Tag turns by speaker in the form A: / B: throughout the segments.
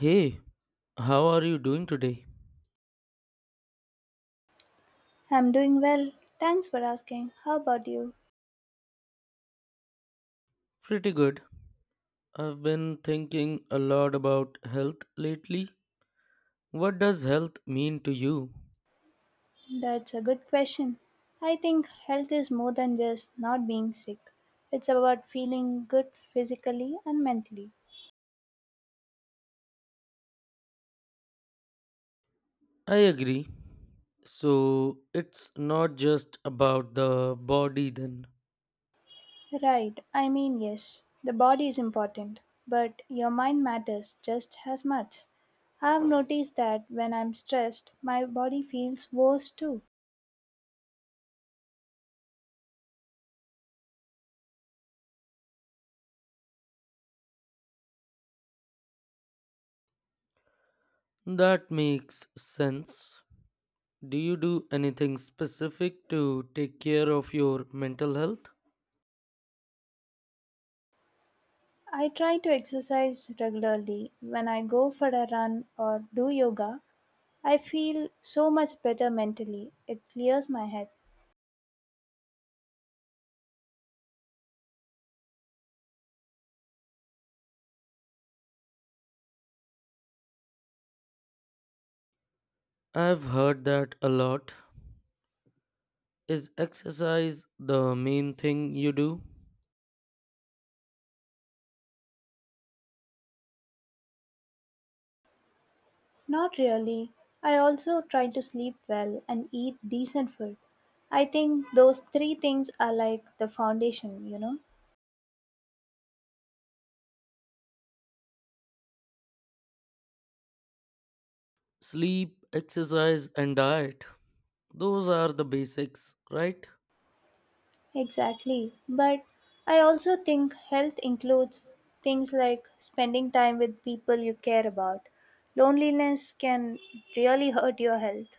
A: Hey, how are you doing today?
B: I'm doing well. Thanks for asking. How about you?
A: Pretty good. I've been thinking a lot about health lately. What does health mean to you?
B: That's a good question. I think health is more than just not being sick. It's about feeling good physically and mentally.
A: I agree. So, it's not just about the body then.
B: Right. I mean, yes, the body is important, but your mind matters just as much. I've noticed that when I'm stressed, my body feels worse too.
A: That makes sense. Do you do anything specific to take care of your mental health?
B: I try to exercise regularly when I go for a run or do yoga. I feel so much better mentally. It clears my head.
A: I've heard that a lot. Is exercise the main thing you do?
B: Not really. I also try to sleep well and eat decent food. I think those three things are like the foundation,
A: Sleep, exercise, and diet. Those are the basics, right?
B: Exactly. But I also think health includes things like spending time with people you care about. Loneliness can really hurt your health.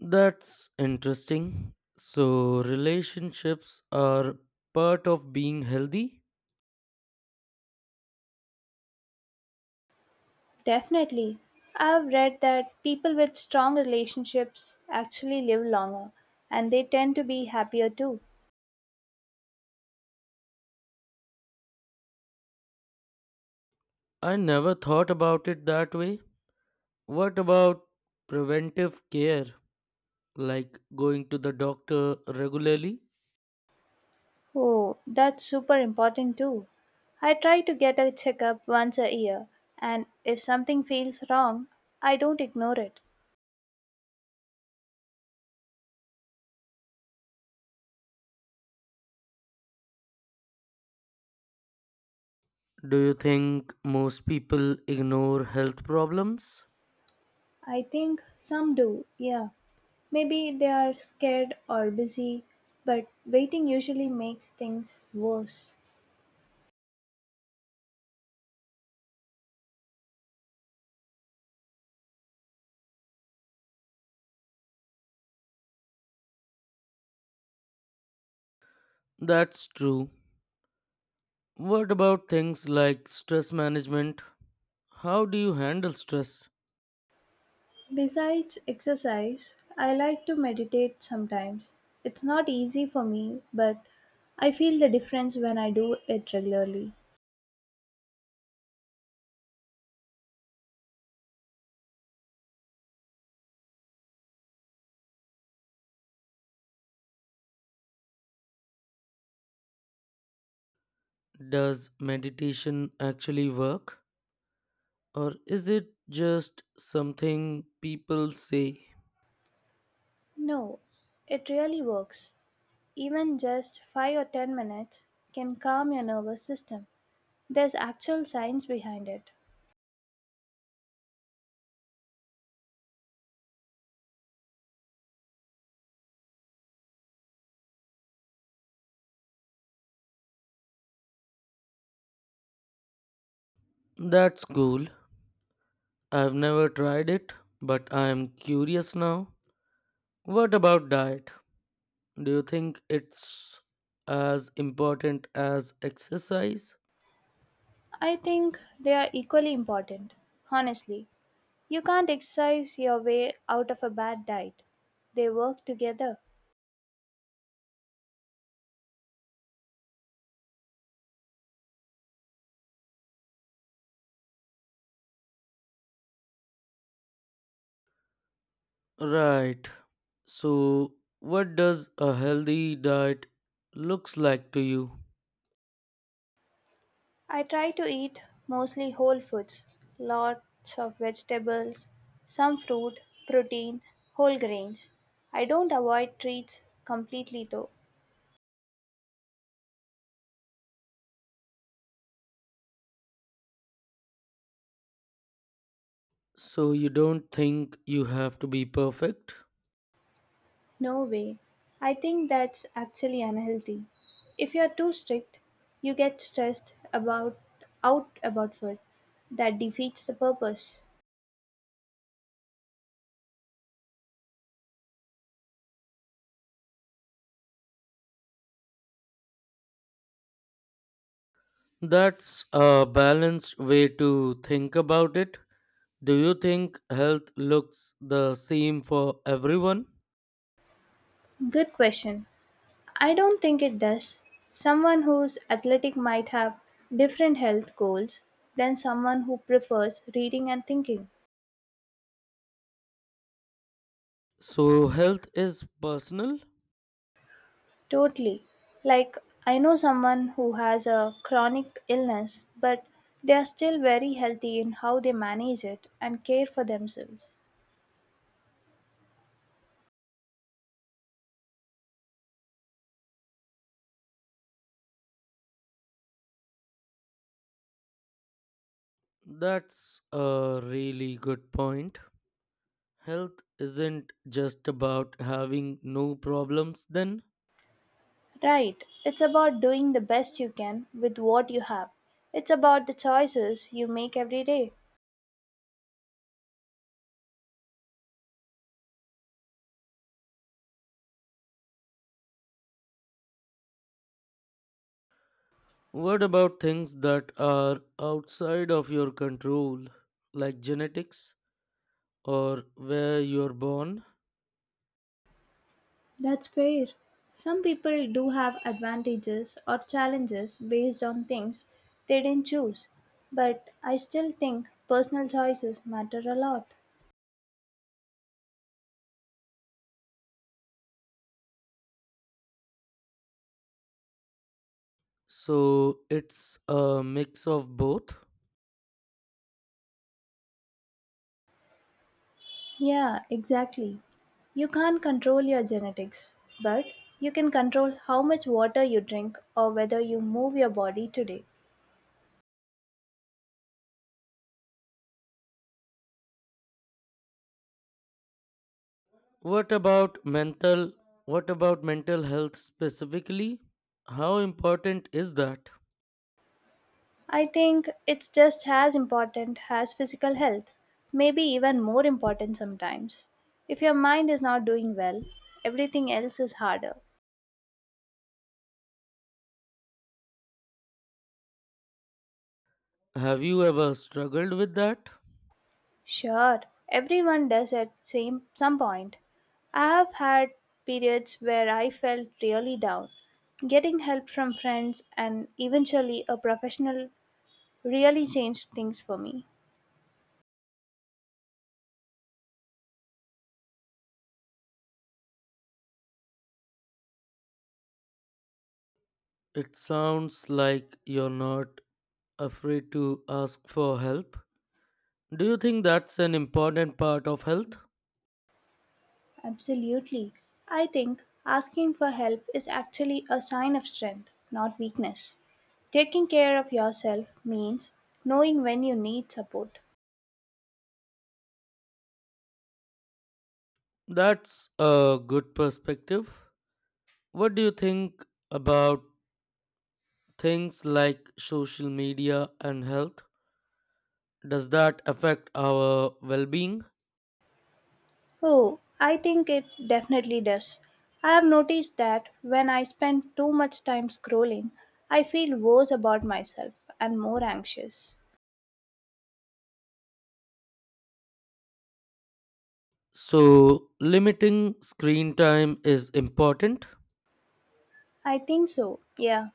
A: That's interesting. So, relationships are part of being healthy?
B: Definitely. I've read that people with strong relationships actually live longer and they tend to be happier too.
A: I never thought about it that way. What about preventive care, like going to the doctor regularly?
B: Oh, that's super important too. I try to get a checkup once a year, and if something feels wrong, I don't ignore it.
A: Do you think most people ignore health problems?
B: I think some do, yeah. Maybe they are scared or busy, but waiting usually makes things worse.
A: That's true. What about things like stress management? How do you handle stress?
B: Besides exercise, I like to meditate sometimes. It's not easy for me, but I feel the difference when I do it regularly.
A: Does meditation actually work, or is it just something people say?
B: No, it really works. Even just 5 or 10 minutes can calm your nervous system. There's actual science behind it.
A: That's cool. I've never tried it, but I am curious now. What about diet? Do you think it's as important as exercise?
B: I think they are equally important. Honestly, you can't exercise your way out of a bad diet, they work together.
A: Right. So, what does a healthy diet looks like to you?
B: I try to eat mostly whole foods, lots of vegetables, some fruit, protein, whole grains. I don't avoid treats completely though.
A: So you don't think you have to be perfect?
B: No way. I think that's actually unhealthy. If you're too strict, you get stressed about out about food. That defeats the purpose.
A: That's a balanced way to think about it. Do you think health looks the same for everyone?
B: Good question. I don't think it does. Someone who's athletic might have different health goals than someone who prefers reading and thinking.
A: So, health is personal?
B: Totally. Like, I know someone who has a chronic illness, but they are still very healthy in how they manage it and care for themselves.
A: That's a really good point. Health isn't just about having no problems, then?
B: Right. It's about doing the best you can with what you have. It's about the choices you make every day.
A: What about things that are outside of your control, like genetics or where you're born?
B: That's fair. Some people do have advantages or challenges based on things they didn't choose, but I still think personal choices matter a lot.
A: So, it's a mix of both.
B: Yeah, exactly. You can't control your genetics, but you can control how much water you drink or whether you move your body today.
A: What about mental what about mental health specifically? How important is that?
B: I think it's just as important as physical health, maybe even more important sometimes. If your mind is not doing well, everything else is harder.
A: Have you ever struggled with that?
B: Sure, everyone does at same some point. I have had periods where I felt really down. Getting help from friends and eventually a professional really changed things for me.
A: It sounds like you're not afraid to ask for help. Do you think that's an important part of health?
B: Absolutely. I think asking for help is actually a sign of strength, not weakness. Taking care of yourself means knowing when you need support.
A: That's a good perspective. What do you think about things like social media and health? Does that affect our well being?
B: Oh, I think it definitely does. I have noticed that when I spend too much time scrolling, I feel worse about myself and more anxious.
A: So, limiting screen time is important.
B: I think so, yeah.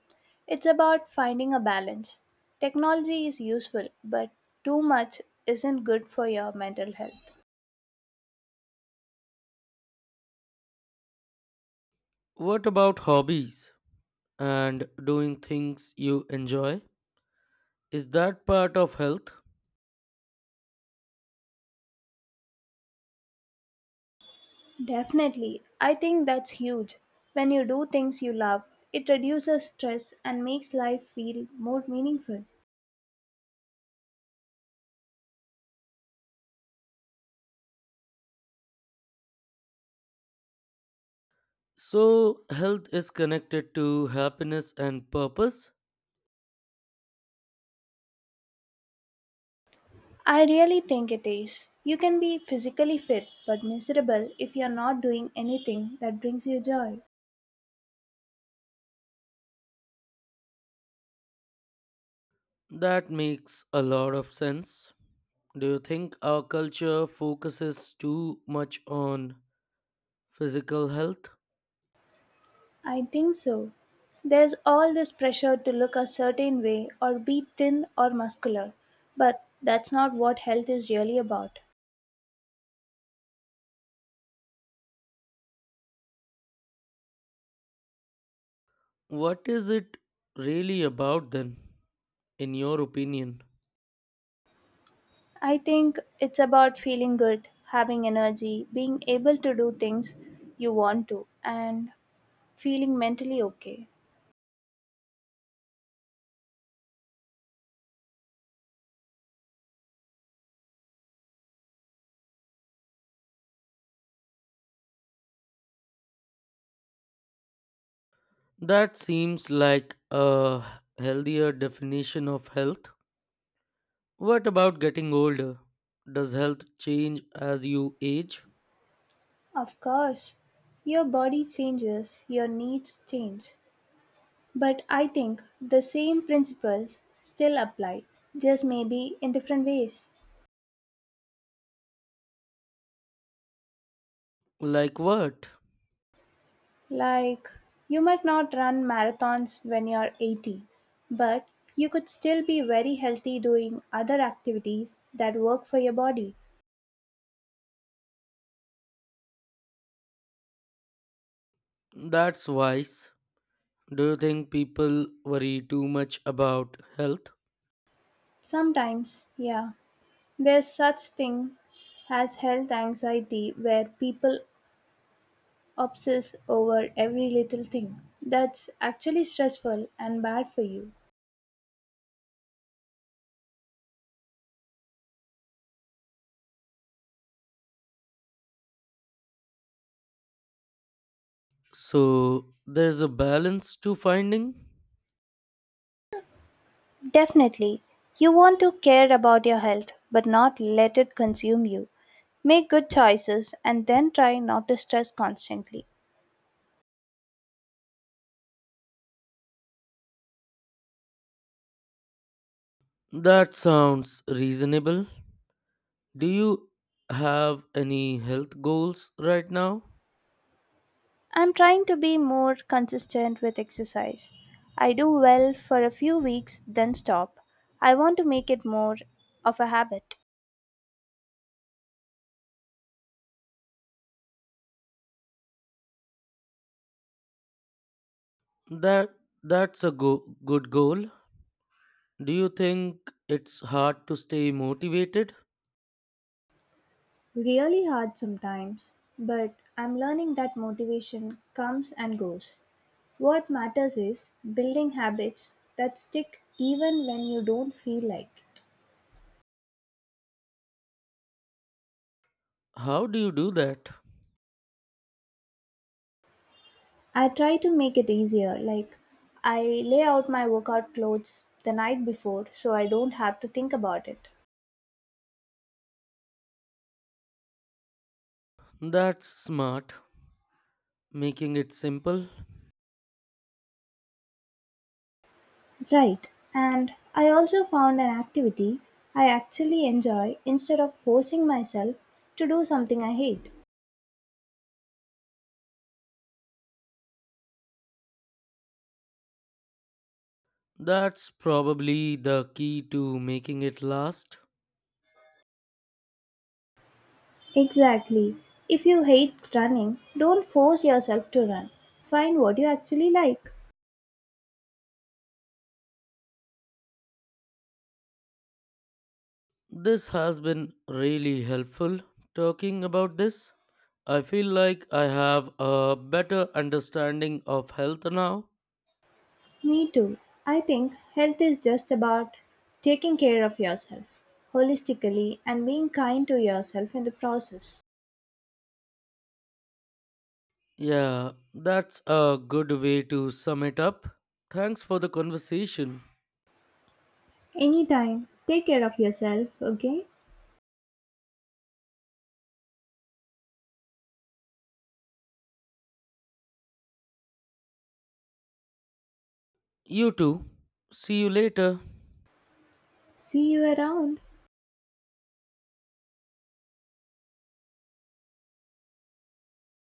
B: It's about finding a balance. Technology is useful, but too much isn't good for your mental health.
A: What about hobbies and doing things you enjoy? Is that part of health?
B: Definitely, I think that's huge. When you do things you love, it reduces stress and makes life feel more meaningful.
A: So, health is connected to happiness and purpose.
B: I really think it is. You can be physically fit but miserable if you're not doing anything that brings you joy.
A: That makes a lot of sense. Do you think our culture focuses too much on physical health?
B: I think so. There's all this pressure to look a certain way or be thin or muscular, but that's not what health is really about.
A: What is it really about then, in your opinion?
B: I think it's about feeling good, having energy, being able to do things you want to, and feeling mentally okay.
A: That seems like a healthier definition of health. What about getting older? Does health change as you age?
B: Of course, your body changes, your needs change, but I think the same principles still apply, just maybe in different ways.
A: Like what?
B: Like, you might not run marathons when you're 80, but you could still be very healthy doing other activities that work for your body.
A: That's wise. Do you think people worry too much about health?
B: Sometimes, yeah, there's such thing as health anxiety where people obsess over every little thing. That's actually stressful and bad for you.
A: So there's a balance to finding?
B: Definitely. You want to care about your health, but not let it consume you. Make good choices and then try not to stress constantly.
A: That sounds reasonable. Do you have any health goals right now?
B: I'm trying to be more consistent with exercise. I do well for a few weeks, then stop. I want to make it more of a habit.
A: That that's a good goal. Do you think it's hard to stay motivated?
B: Really hard sometimes, but I'm learning that motivation comes and goes. What matters is building habits that stick even when you don't feel like.
A: How do you do that?
B: I try to make it easier. Like, I lay out my workout clothes the night before so I don't have to think about it.
A: That's smart. Making it simple.
B: Right. And I also found an activity I actually enjoy instead of forcing myself to do something I hate.
A: That's probably the key to making it last.
B: Exactly. If you hate running, don't force yourself to run. Find what you actually like.
A: This has been really helpful talking about this. I feel like I have a better understanding of health now.
B: Me too. I think health is just about taking care of yourself holistically and being kind to yourself in the process.
A: Yeah, that's a good way to sum it up. Thanks for the conversation.
B: Anytime. Take care of yourself, okay?
A: You too. See you later.
B: See you around.